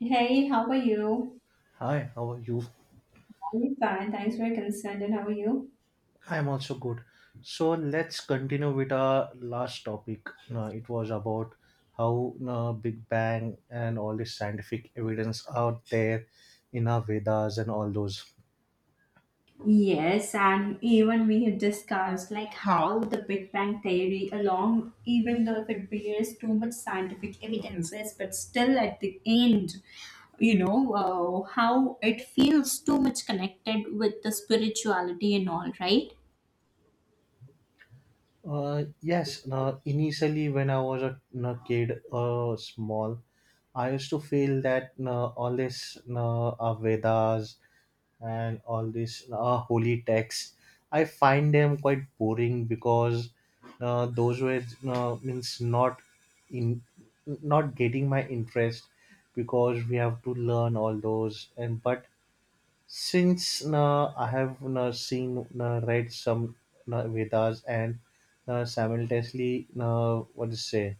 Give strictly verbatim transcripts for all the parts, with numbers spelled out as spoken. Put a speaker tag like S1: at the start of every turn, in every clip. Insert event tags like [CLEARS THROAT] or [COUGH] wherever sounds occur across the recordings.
S1: Hey, how are you?
S2: Hi, how are you?
S1: I'm fine. Thanks for your concern. And how are you?
S2: I'm also good. So let's continue with our last topic. Uh, it was about how uh, Big Bang and all this scientific evidence out there in our Vedas and all those.
S1: Yes, and even we have discussed like how the Big Bang theory, along even though if it bears too much scientific evidences, but still at the end, you know uh, how it feels too much connected with the spirituality and all, right?
S2: Uh, yes, uh, initially when I was a you kid, uh, small, I used to feel that uh, all this uh, our Vedas and all these uh, holy texts. I find them quite boring because uh, those were uh, means not in not getting my interest because we have to learn all those and but since uh, I have uh, seen uh, read some uh, Vedas and uh, simultaneously uh, what to say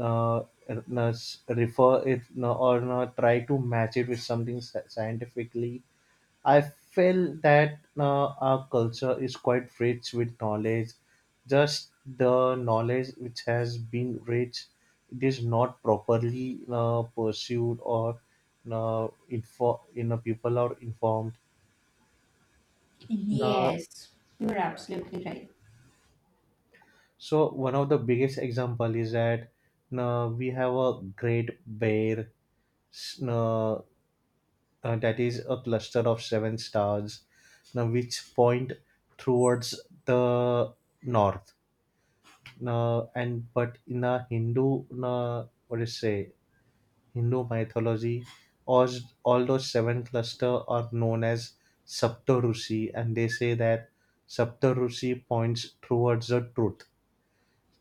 S2: uh, uh, refer it uh, or uh, try to match it with something sci- scientifically. I feel that uh, our culture is quite rich with knowledge. Just the knowledge which has been rich, it is not properly uh, pursued or uh, info, you know, people are informed. Uh,
S1: Yes, you're absolutely right.
S2: so one of the biggest example is that uh, we have a great bear s- uh, uh, that is a cluster of seven stars, now which point towards the north uh, and but in a Hindu, uh, what do you say, Hindu mythology, all, all those seven cluster are known as Saptarushi, and they say that Saptarushi points towards the truth,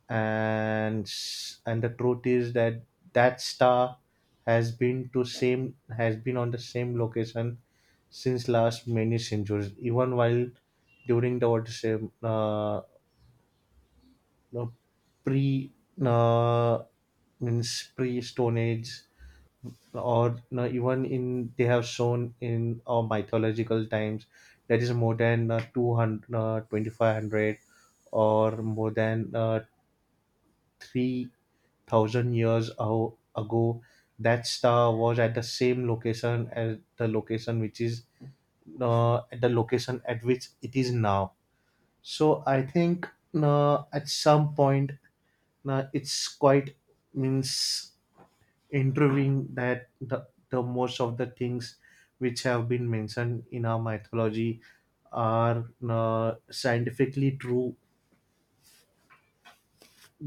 S2: and s- and the truth is that that star has been to same has been on the same location since last many centuries, even while during the what to say uh, know, pre uh, means pre Stone Age, or you know, even in they have shown in our mythological times that is more than uh, two hundred, uh, twenty-five hundred or more than uh, three thousand years ao- ago. That star was at the same location as the location which is uh, at the location at which it is now. So I think uh, at some point now it's quite means interviewing that the, the most of the things which have been mentioned in our mythology are uh, scientifically true.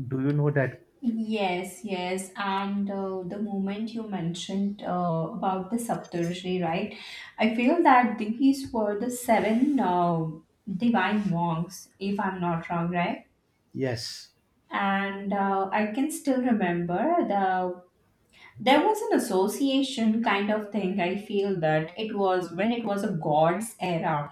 S2: Do you know that?
S1: Yes, yes, and uh, the moment you mentioned uh, about the Saptarshi, right? I feel that these were the seven uh, divine monks, if I'm not wrong, right?
S2: Yes.
S1: And uh, I can still remember the there was an association kind of thing. I feel that it was when it was a god's era,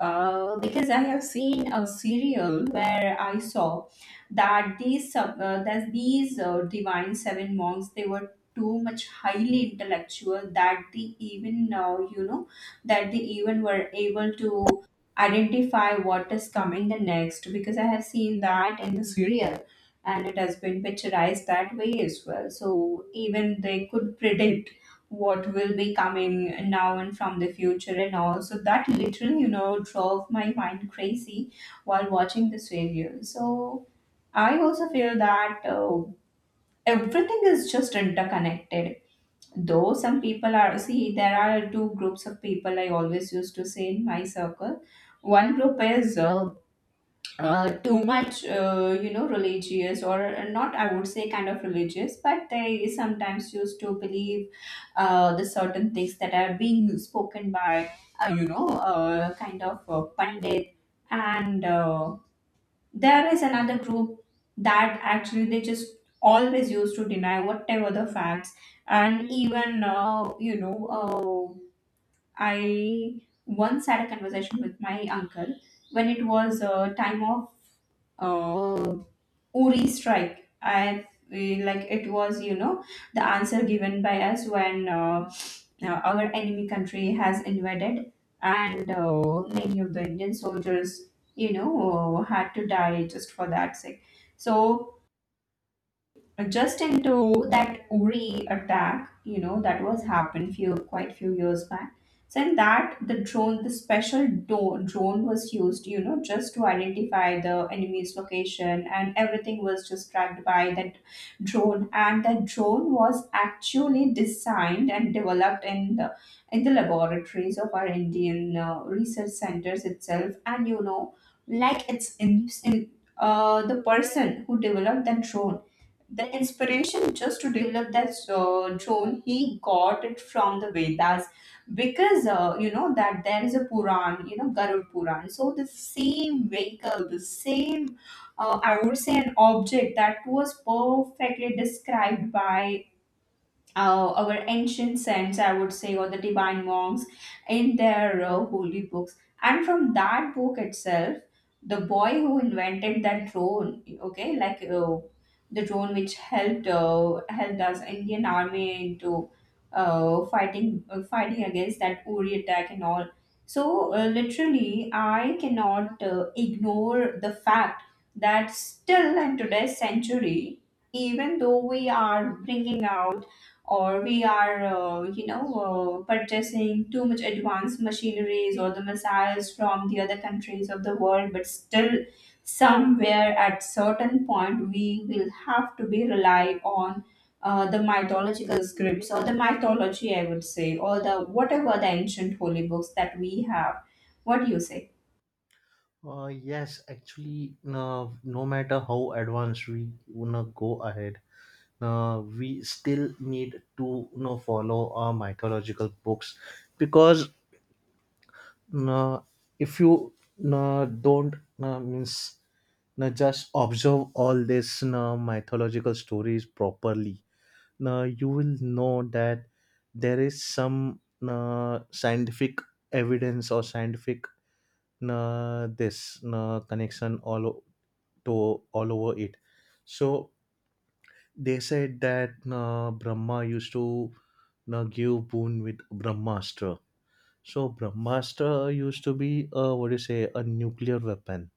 S1: uh, because I have seen a serial where I saw that these sub- uh, that these uh, divine seven monks, they were too much highly intellectual that they even uh, you know, that they even were able to identify what is coming the next, because I have seen that in the serial, and it has been picturized that way as well. So even they could predict what will be coming now and from the future and all. So that literally, you know, drove my mind crazy while watching this video. So I also feel that uh, everything is just interconnected. Though some people are, see, there are two groups of people I always used to say in my circle. One group is uh, uh, too much, uh, you know, religious or uh, not, I would say kind of religious, but they sometimes used to believe uh, the certain things that are being spoken by, uh, you know, uh, kind of uh, Pandit. And uh, there is another group that actually they just always used to deny whatever the facts. And even, uh, you know, uh, I once had a conversation with my uncle when it was uh, time of uh, Uri strike. I feel like it was, you know, the answer given by us when uh, uh, our enemy country has invaded, and uh, many of the Indian soldiers, you know, uh, had to die just for that sake. So, just into that Uri attack, you know, that was happened few quite few years back. So in that, the drone, the special do- drone was used, you know, just to identify the enemy's location, and everything was just tracked by that drone. And that drone was actually designed and developed in the in the laboratories of our Indian uh, research centers itself. And you know, like it's in, in uh, the person who developed that drone, the inspiration just to develop that uh, zone, he got it from the Vedas, because uh, you know that there is a puran, you know, Garud Puran. So the same vehicle, the same, uh, I would say, an object that was perfectly described by uh, our ancient saints, I would say, or the divine monks in their uh, holy books. And from that book itself, the boy who invented that drone, okay, like uh, the drone which helped, uh, helped us Indian army into uh, fighting uh, fighting against that Uri attack and all. So uh, literally, I cannot uh, ignore the fact that still in today's century, even though we are bringing out or we are uh, you know, uh, purchasing too much advanced machineries or the missiles from the other countries of the world, but still somewhere at certain point we will have to be rely on uh, the mythological scripts or the mythology, I would say, or the whatever the ancient holy books that we have. What do you say?
S2: Uh, yes, actually, no, no matter how advanced we wanna go ahead, uh, we still need to you know, follow our mythological books because uh, if you uh, don't uh, means now just observe all these now mythological stories properly. Now you will know that there is some now scientific evidence or scientific now this now connection all o- to all over it. So they said that now Brahma used to now give boon with Brahmastra. So Brahmastra used to be a what do you say a nuclear weapon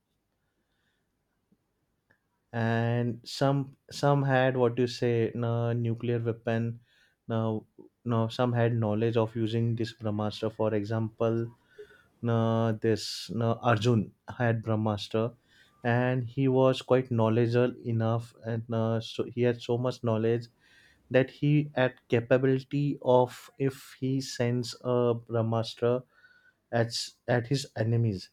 S2: and some some had what you say na nuclear weapon now now some had knowledge of using this brahmastra, for example na this na Arjun had brahmastra and he was quite knowledgeable enough and uh, so he had so much knowledge that he had capability of if he sends a brahmastra at s- at his enemies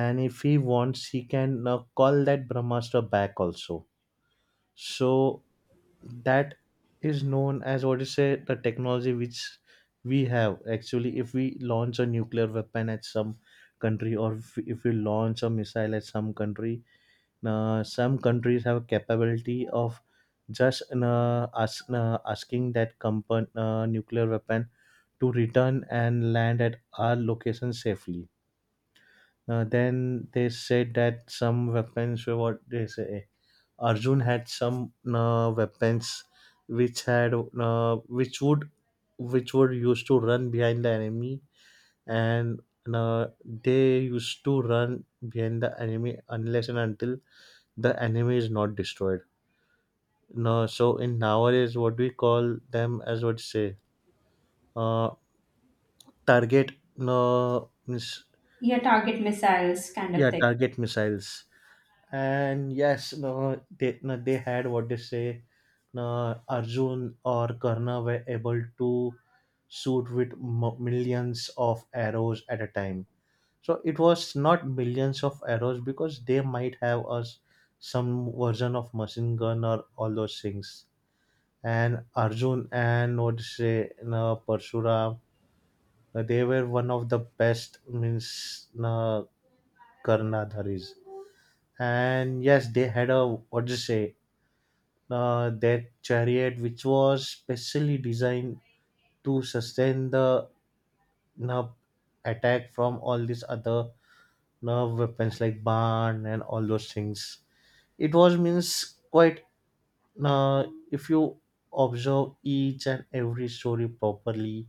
S2: and if he wants he can uh, call that brahmastra back also. So that is known as what you say the technology which we have, actually if we launch a nuclear weapon at some country or if, if we launch a missile at some country, uh, some countries have capability of just uh, ask, uh, asking that compan- uh, nuclear weapon to return and land at our location safely. Uh, then they said that some weapons were what they say Arjun had some uh, weapons which had uh, which would which were used to run behind the enemy and uh, they used to run behind the enemy unless and until the enemy is not destroyed. No, so in nowadays what we call them as what you say uh, target no miss
S1: Yeah, target missiles kind of
S2: yeah
S1: thing.
S2: target missiles. And yes, no, they, no, they had what they say, no, Arjun or Karna were able to shoot with m- millions of arrows at a time. So it was not millions of arrows because they might have us some version of machine gun or all those things. And Arjun and what to say, no, Parshuram, no, they were one of the best means no, Karnadharis. And yes, they had a what to say uh, their chariot, which was specially designed to sustain the uh, attack from all these other uh, weapons like barn and all those things. It was means quite uh, if you observe each and every story properly,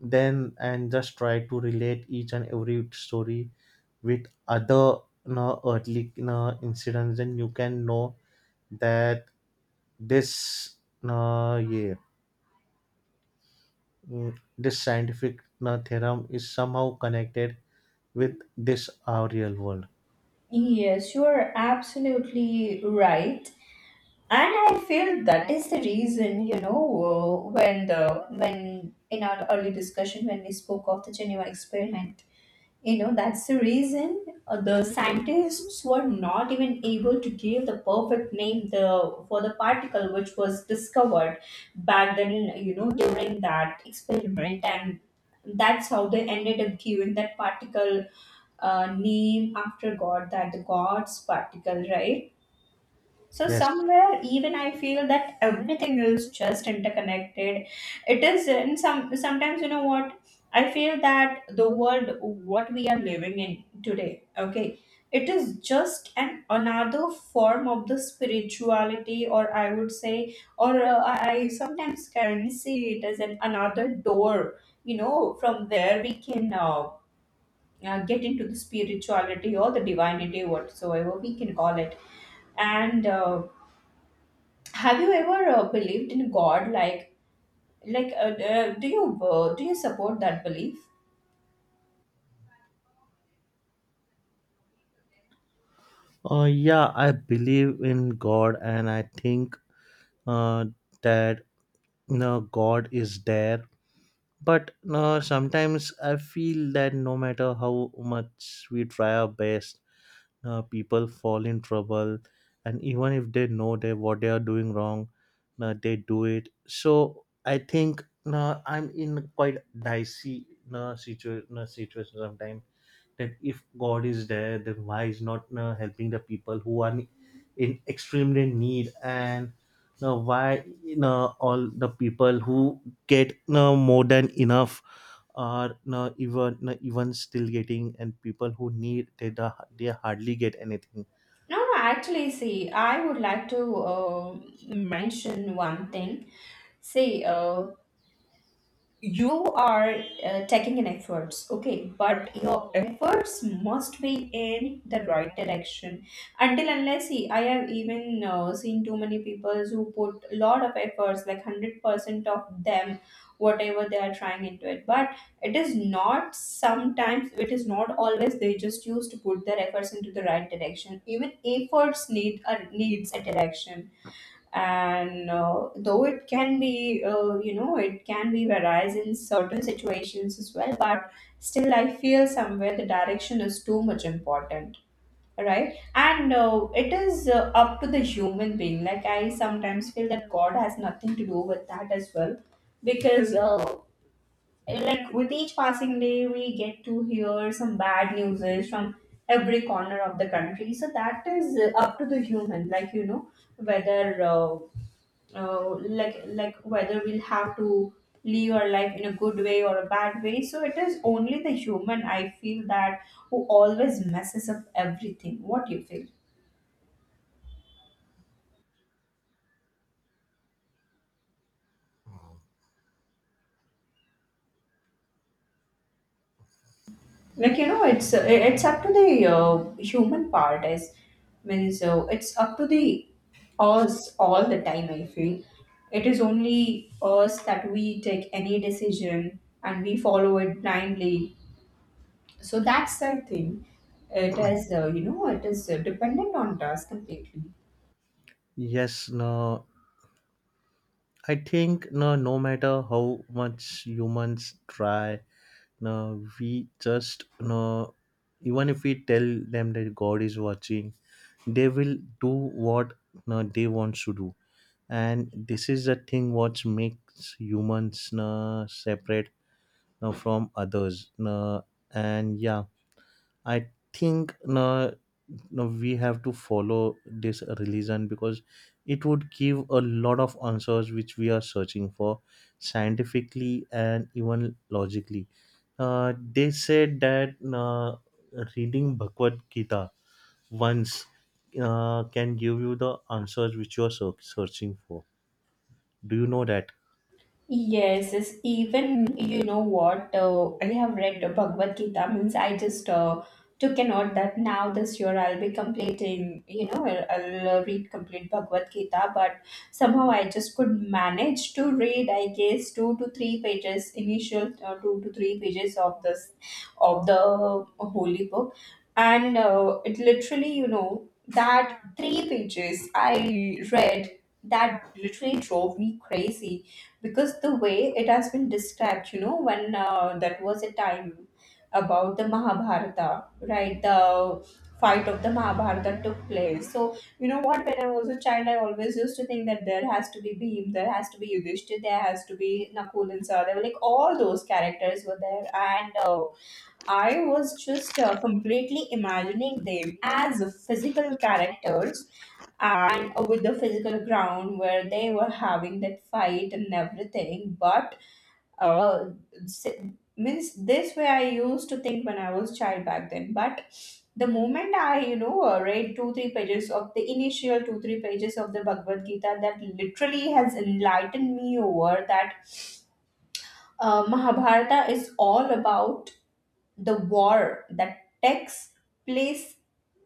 S2: then and just try to relate each and every story with other you know, earthly you know, incidents, then you can know that this uh, yeah mm, this scientific uh, theorem is somehow connected with this our real world.
S1: Yes, you're absolutely right. And I feel that is the reason, you know, uh, when the when in our early discussion when we spoke of the Geneva experiment, you know, that's the reason uh, the scientists were not even able to give the perfect name, the for the particle which was discovered back then, you know, during that experiment. And that's how they ended up giving that particle uh, name after god, that the god's particle, right? So
S2: Yes.
S1: somewhere even I feel that everything is just interconnected. It is in some sometimes, you know what, I feel that the world what we are living in today, okay, it is just an another form of the spirituality, or I would say, or uh, I I sometimes can see it as an another door, you know, from where we can uh, uh, get into the spirituality or the divinity, whatsoever we can call it. And uh, have you ever uh, believed in God? Like, like, uh, uh, do you uh, do you support that belief?
S2: Uh, yeah I believe in god and I think uh, that you know, god is there but uh, sometimes I feel that no matter how much we try our best, uh, people fall in trouble and even if they know they what they are doing wrong, uh, they do it. So I think uh, I'm in quite dicey uh, situation uh, situation sometimes that if god is there then why is not uh, helping the people who are in extremely need and uh, why you all the people who get uh, more than enough are not even not even still getting and people who need they, da- they hardly get anything.
S1: No, no. Actually, see, I would like to uh, mention one thing. See, uh, you are uh, taking an efforts, okay, but your efforts must be in the right direction. Until unless, see, I have even uh, seen too many people who put a lot of efforts, like hundred percent of them, whatever they are trying into it, but it is not sometimes, it is not always they just used to put their efforts into the right direction. Even efforts need a needs a direction. And uh, though it can be uh, you know, it can be varies in certain situations as well, but still I feel somewhere the direction is too much important, right? And uh, it is uh, up to the human being, like I sometimes feel that god has nothing to do with that as well, because uh, like with each passing day we get to hear some bad news from every corner of the country. So that is uh, up to the human, like you know, whether uh, uh, like like whether we'll have to live our life in a good way or a bad way. So it is only the human, I feel, that who always messes up everything. What you feel? Like you know, it's uh, it's up to the uh, human part is means uh, it's up to the us all the time, I feel. It is only us that we take any decision and we follow it blindly. So that's the thing. It is uh, you know, it is uh, dependent on us completely.
S2: Yes, no, I think no, no matter how much humans try, no, we just no, even if we tell them that god is watching they will do what no, they want to do. And this is the thing what makes humans no, separate no, from others no, and yeah I think no, no, we have to follow this religion because it would give a lot of answers which we are searching for scientifically and even logically. Uh, they said that uh, reading Bhagavad Gita once uh, can give you the answers which you are search- searching for. Do you know that?
S1: Yes, yes. Even you know what, uh, I have read the Bhagavad Gita, means I just uh, took a note that now this year I'll be completing, you know, I'll, I'll read complete Bhagavad Gita, but somehow I just could manage to read, I guess, two to three pages, initial uh, two to three pages of this, of the holy book. And uh, it literally, you know, that three pages I read, that literally drove me crazy, because the way it has been described, you know, when uh, that was a time about the Mahabharata, right, the fight of the Mahabharata took place. So you know what, when I was a child, I always used to think that there has to be Bhim, there has to be Yudhishthir, there has to be Nakul and Sahadeva. Like, all those characters were there. And uh, I was just uh, completely imagining them as physical characters, and with the physical ground where they were having that fight and everything. But uh, s- means this way I used to think when I was child back then. But the moment I, you know, uh, read two three pages of the initial two three pages of the Bhagavad Gita, that literally has enlightened me over that uh, Mahabharata is all about the war that takes place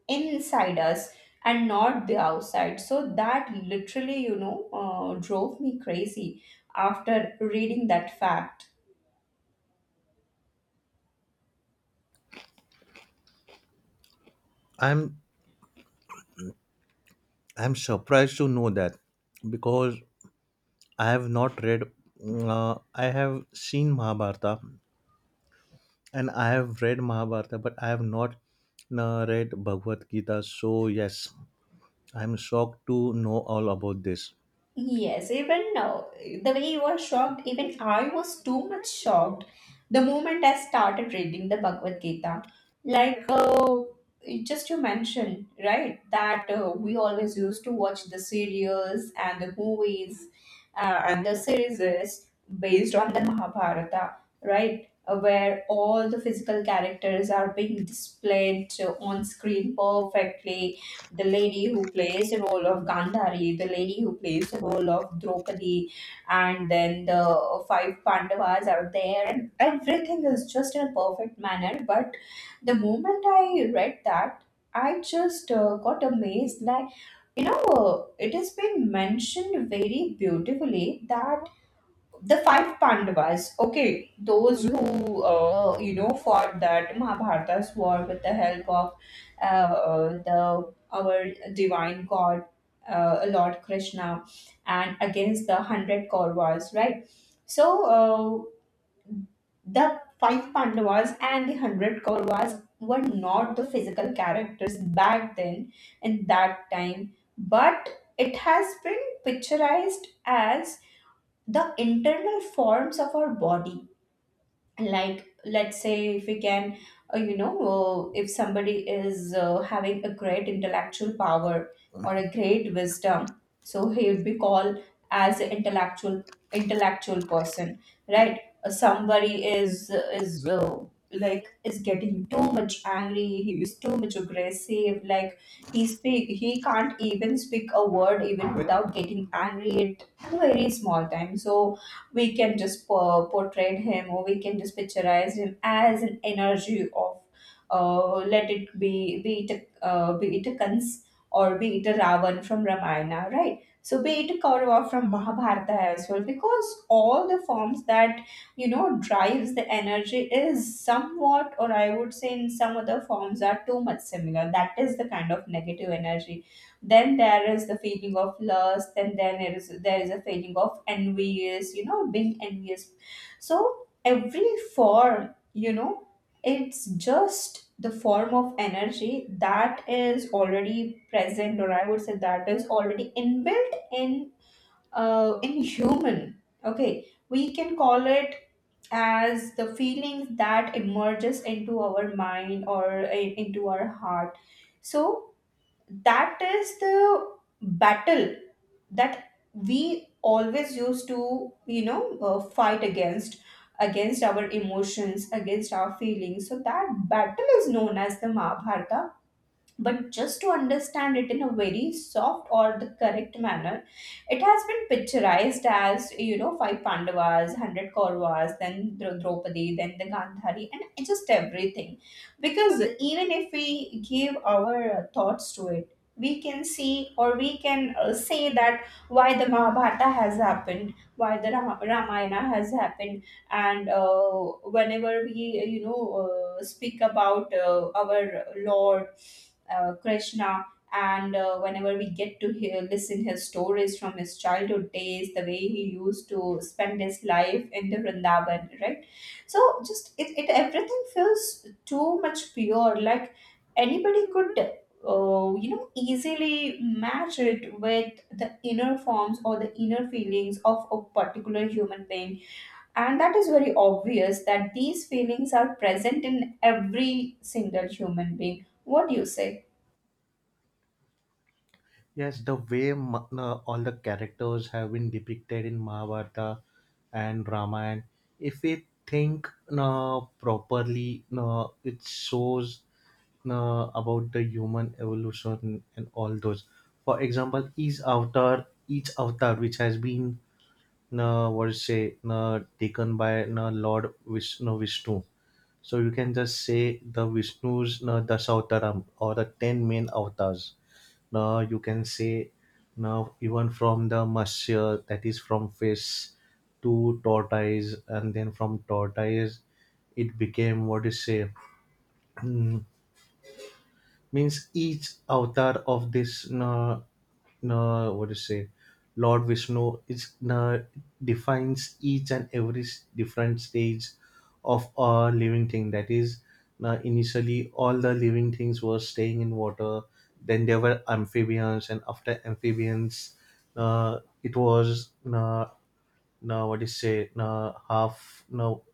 S1: inside us and not the outside. So that literally, you know, uh, drove me crazy after reading that fact.
S2: I'm I'm surprised to know that because I have not read. Uh, I have seen Mahabharata and I have read Mahabharata, but I have not uh, read Bhagavad Gita. So, yes, I'm shocked to know all about this.
S1: Yes, even now, the way you were shocked, even I was too much shocked the moment I started reading the Bhagavad Gita. Like, uh, just you mentioned, right, that uh, we always used to watch the serials and the movies uh, and the series based on the Mahabharata, right, uh, where all the physical characters are being displayed uh, on screen perfectly. The lady who plays the role of Gandhari, the lady who plays the role of Draupadi, and then the five Pandavas are there, and everything is just in a perfect manner. But the moment I read that, I just uh, got amazed. Like, you know, uh, it has been mentioned very beautifully that the five Pandavas, okay, those who uh, you know fought that Mahabharata's war with the help of uh, the our divine God, uh, Lord Krishna, and against the hundred Kauravas, right? So uh, the five Pandavas and the hundred Kauravas were not the physical characters back then in that time, but it has been picturized as the internal forms of our body. Like let's say if we can, uh, you know uh, if somebody is uh, having a great intellectual power or a great wisdom, so he would be called as an intellectual intellectual person, right? Uh, somebody is, uh, is uh, like, is getting too much angry, he is too much aggressive, like he speak he can't even speak a word even without getting angry at a very small time. So we can just po- portray him, or we can just picturize him as an energy of, uh, let it be, be it a, uh, be it a Kans or be it a Ravan from Ramayana, right? So be it a Kaurava from Mahabharata as well, because all the forms that you know drives the energy is somewhat, or I would say in some other forms are too much similar. That is the kind of negative energy. Then there is the feeling of lust, and then there is there is a feeling of envious, you know being envious. So every form, you know it's just the form of energy that is already present, or I would say that is already inbuilt in, uh, in human. Okay, we can call it as the feelings that emerges into our mind or in- into our heart. So that is the battle that we always used to, you know uh, fight against, against our emotions, against our feelings. So that battle is known as the Mahabharata. But just to understand it in a very soft or the correct manner, it has been picturized as, you know five Pandavas, one hundred Kauravas, then Dra- Draupadi, then the Gandhari, and just everything. Because even if we give our thoughts to it, we can see, or we can uh, say that, why the Mahabharata has happened, why the Rama- Ramayana has happened. And uh, whenever we, you know uh, speak about uh, our Lord, uh, Krishna. And uh, whenever we get to hear, listen his stories from his childhood days, the way he used to spend his life in the Vrindavan, right? So just it, it everything feels too much pure. Like anybody could, uh, you know, easily match it with the inner forms or the inner feelings of a particular human being, and that is very obvious that these feelings are present in every single human being. What do you say?
S2: Yes, the way ma- uh, all the characters have been depicted in Mahabharata and Ramayana, if we think uh, properly, uh, it shows uh, about the human evolution and all those. For example, each avatar, each avatar which has been na Varse, na taken by na Lord Vishnu, Vishnu. So you can just say the Vishnu's na Dasavtaram or the ten main avatars. Now you can say now even from the Matsya that is from fish to tortoise and then from tortoise it became what is say [CLEARS THROAT] means each avatar of this uh, uh, what do you say Lord Vishnu is uh, defines each and every s- different stage of a living thing. That is uh, initially all the living things were staying in water, then there were amphibians, and after amphibians uh, it was uh, no what do you say no half no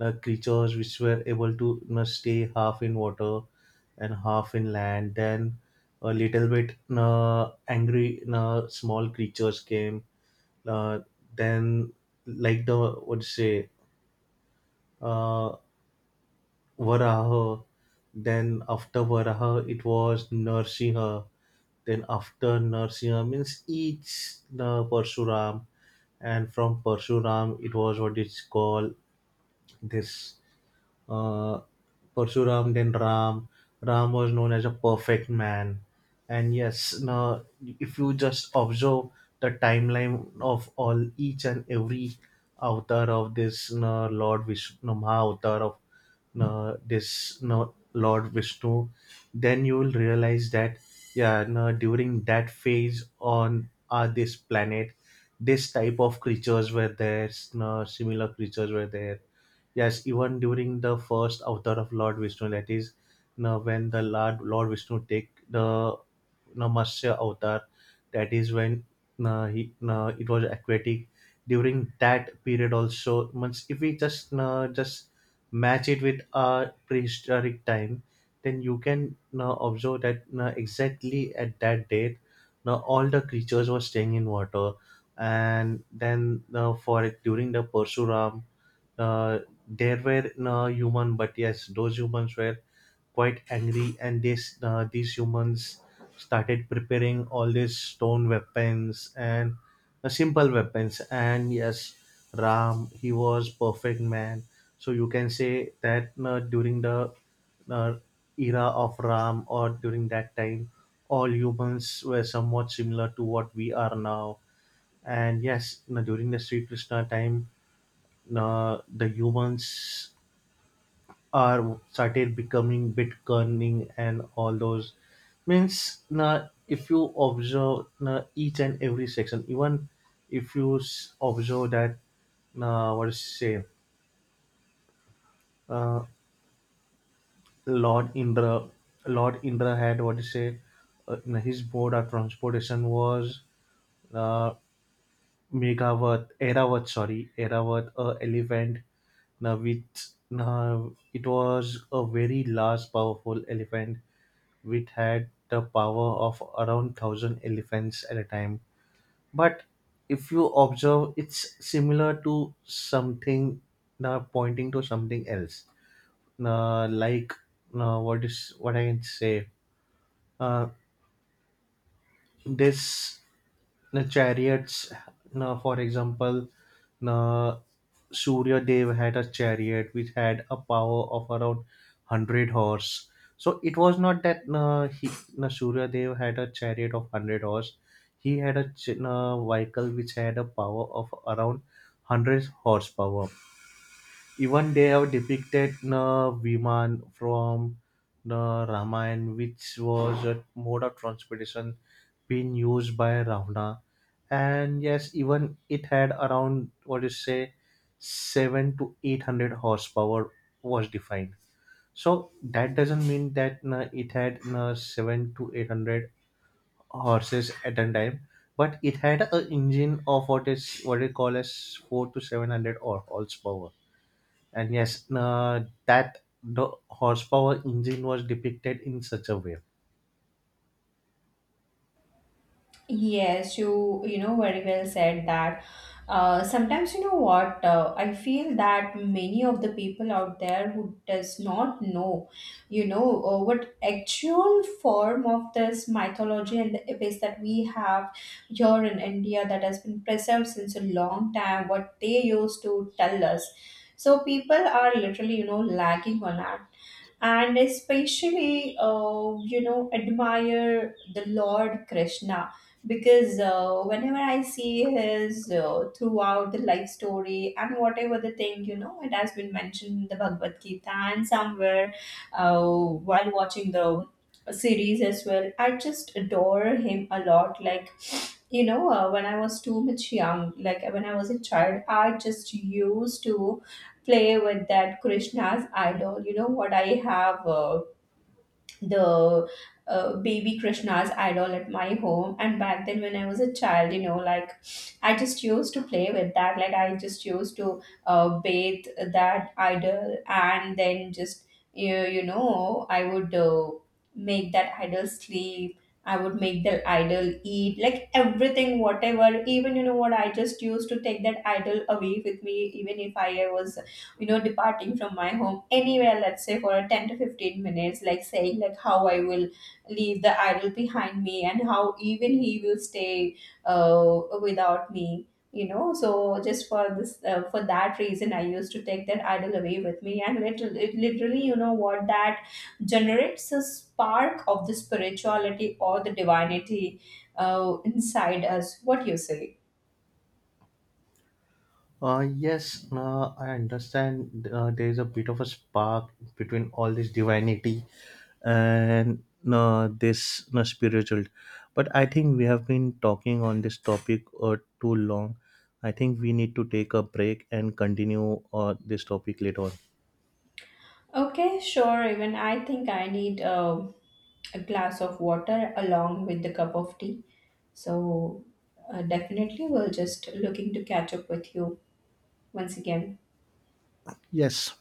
S2: uh, creatures which were able to you know, stay half in water and half in land. Then a little bit uh, angry uh, small creatures came. Uh, then like the what to say uh, Varaha. Then after Varaha, it was Narsiha. Then after Narsiha means each the Parshuram, and from Parshuram, it was what it's called this uh, Parshuram, then Ram. Ram was known as a perfect man. And yes, now if you just observe the timeline of all each and every avatar of this uh, Lord Vishnu, no, Mahavatar of uh, this no, Lord Vishnu, then you will realize that yeah, no, during that phase on uh, this planet, this type of creatures were there, no, similar creatures were there. Yes, even during the first avatar of Lord Vishnu, that is, you know, when the Lord Lord Vishnu take the you know, Matsya avatar, that is when you know, he you know, it was aquatic. During that period, also, once if we just you know, just match it with our prehistoric time, then you can you know, observe that you know, exactly at that date, you know, all the creatures were staying in water, and then you know, for during the Parshuram uh, there were no human, but yes, those humans were quite angry, and this uh, these humans started preparing all these stone weapons and uh, simple weapons. And yes, Ram, he was perfect man. So you can say that uh, during the uh, era of Ram or during that time, all humans were somewhat similar to what we are now. And yes, you know, during the Sri Krishna time, uh, the humans are started becoming bit cunning and all those means now if you observe na, each and every section even if you s- observe that uh, what is say uh, Lord Indra Lord Indra had what is say uh, na, his mode of transportation was uh, मेगावत, Eravat, sorry, Eravat, a elephant. Now, which now it was a very large, powerful elephant, which had the power of around thousand elephants at a time. But if you observe, it's similar to something now pointing to something else. Now, like now, what is what I can say? Uh, this. The chariots na for example na surya dev had a chariot which had a power of around one hundred horse, so it was not that na he na surya dev had a chariot of one hundred horse, he had a ch- na vehicle which had a power of around one hundred horsepower. Even they have depicted the Viman from the Ramayana, which was a mode of transportation being used by Ravana. And yes, even it had around what do you say seven to eight hundred horsepower was defined. So that doesn't mean that uh, it had uh, seven to eight hundred horses at a time, but it had a engine of what is what they call as four to seven hundred or horsepower. And yes, uh, that the horsepower engine was depicted in such a way.
S1: Yes, you you know very well said that. Uh, sometimes you know what, uh, I feel that many of the people out there who does not know, you know, uh, what actual form of this mythology and the epics that we have here in India that has been preserved since a long time, what they used to tell us. So people are literally, you know, lagging on that, and especially, uh, you know, admire the Lord Krishna. Because uh, whenever I see his, uh, throughout the life story, and whatever the thing, you know, it has been mentioned in the Bhagavad Gita, and somewhere uh, while watching the series as well, I just adore him a lot. Like, you know, uh, when I was too much young, like when I was a child, I just used to play with that Krishna's idol. You know what? I have, uh, the uh, baby Krishna's idol at my home. And back then, when I was a child, you know, like I just used to play with that. Like I just used to uh, bathe that idol, and then just, you, you know, I would uh, make that idol sleep. I would make the idol eat, like everything, whatever. Even you know what, I just used to take that idol away with me, even if I was, you know, departing from my home anywhere, let's say for a ten to fifteen minutes, like saying like how I will leave the idol behind me, and how even he will stay uh, without me, you know. So just for this, uh, for that reason I used to take that idol away with me. And literally, it literally, you know what, that generates a spark of the spirituality or the divinity uh, inside us. What you say?
S2: Uh, yes, uh, I understand uh, there is a bit of a spark between all this divinity and uh, this uh, spiritual. But I think we have been talking on this topic uh, too long. I think we need to take a break and continue uh, this topic later on.
S1: Okay, sure. Even I think I need uh, a glass of water along with the cup of tea. So uh, definitely, we'll just looking to catch up with you once again.
S2: Yes.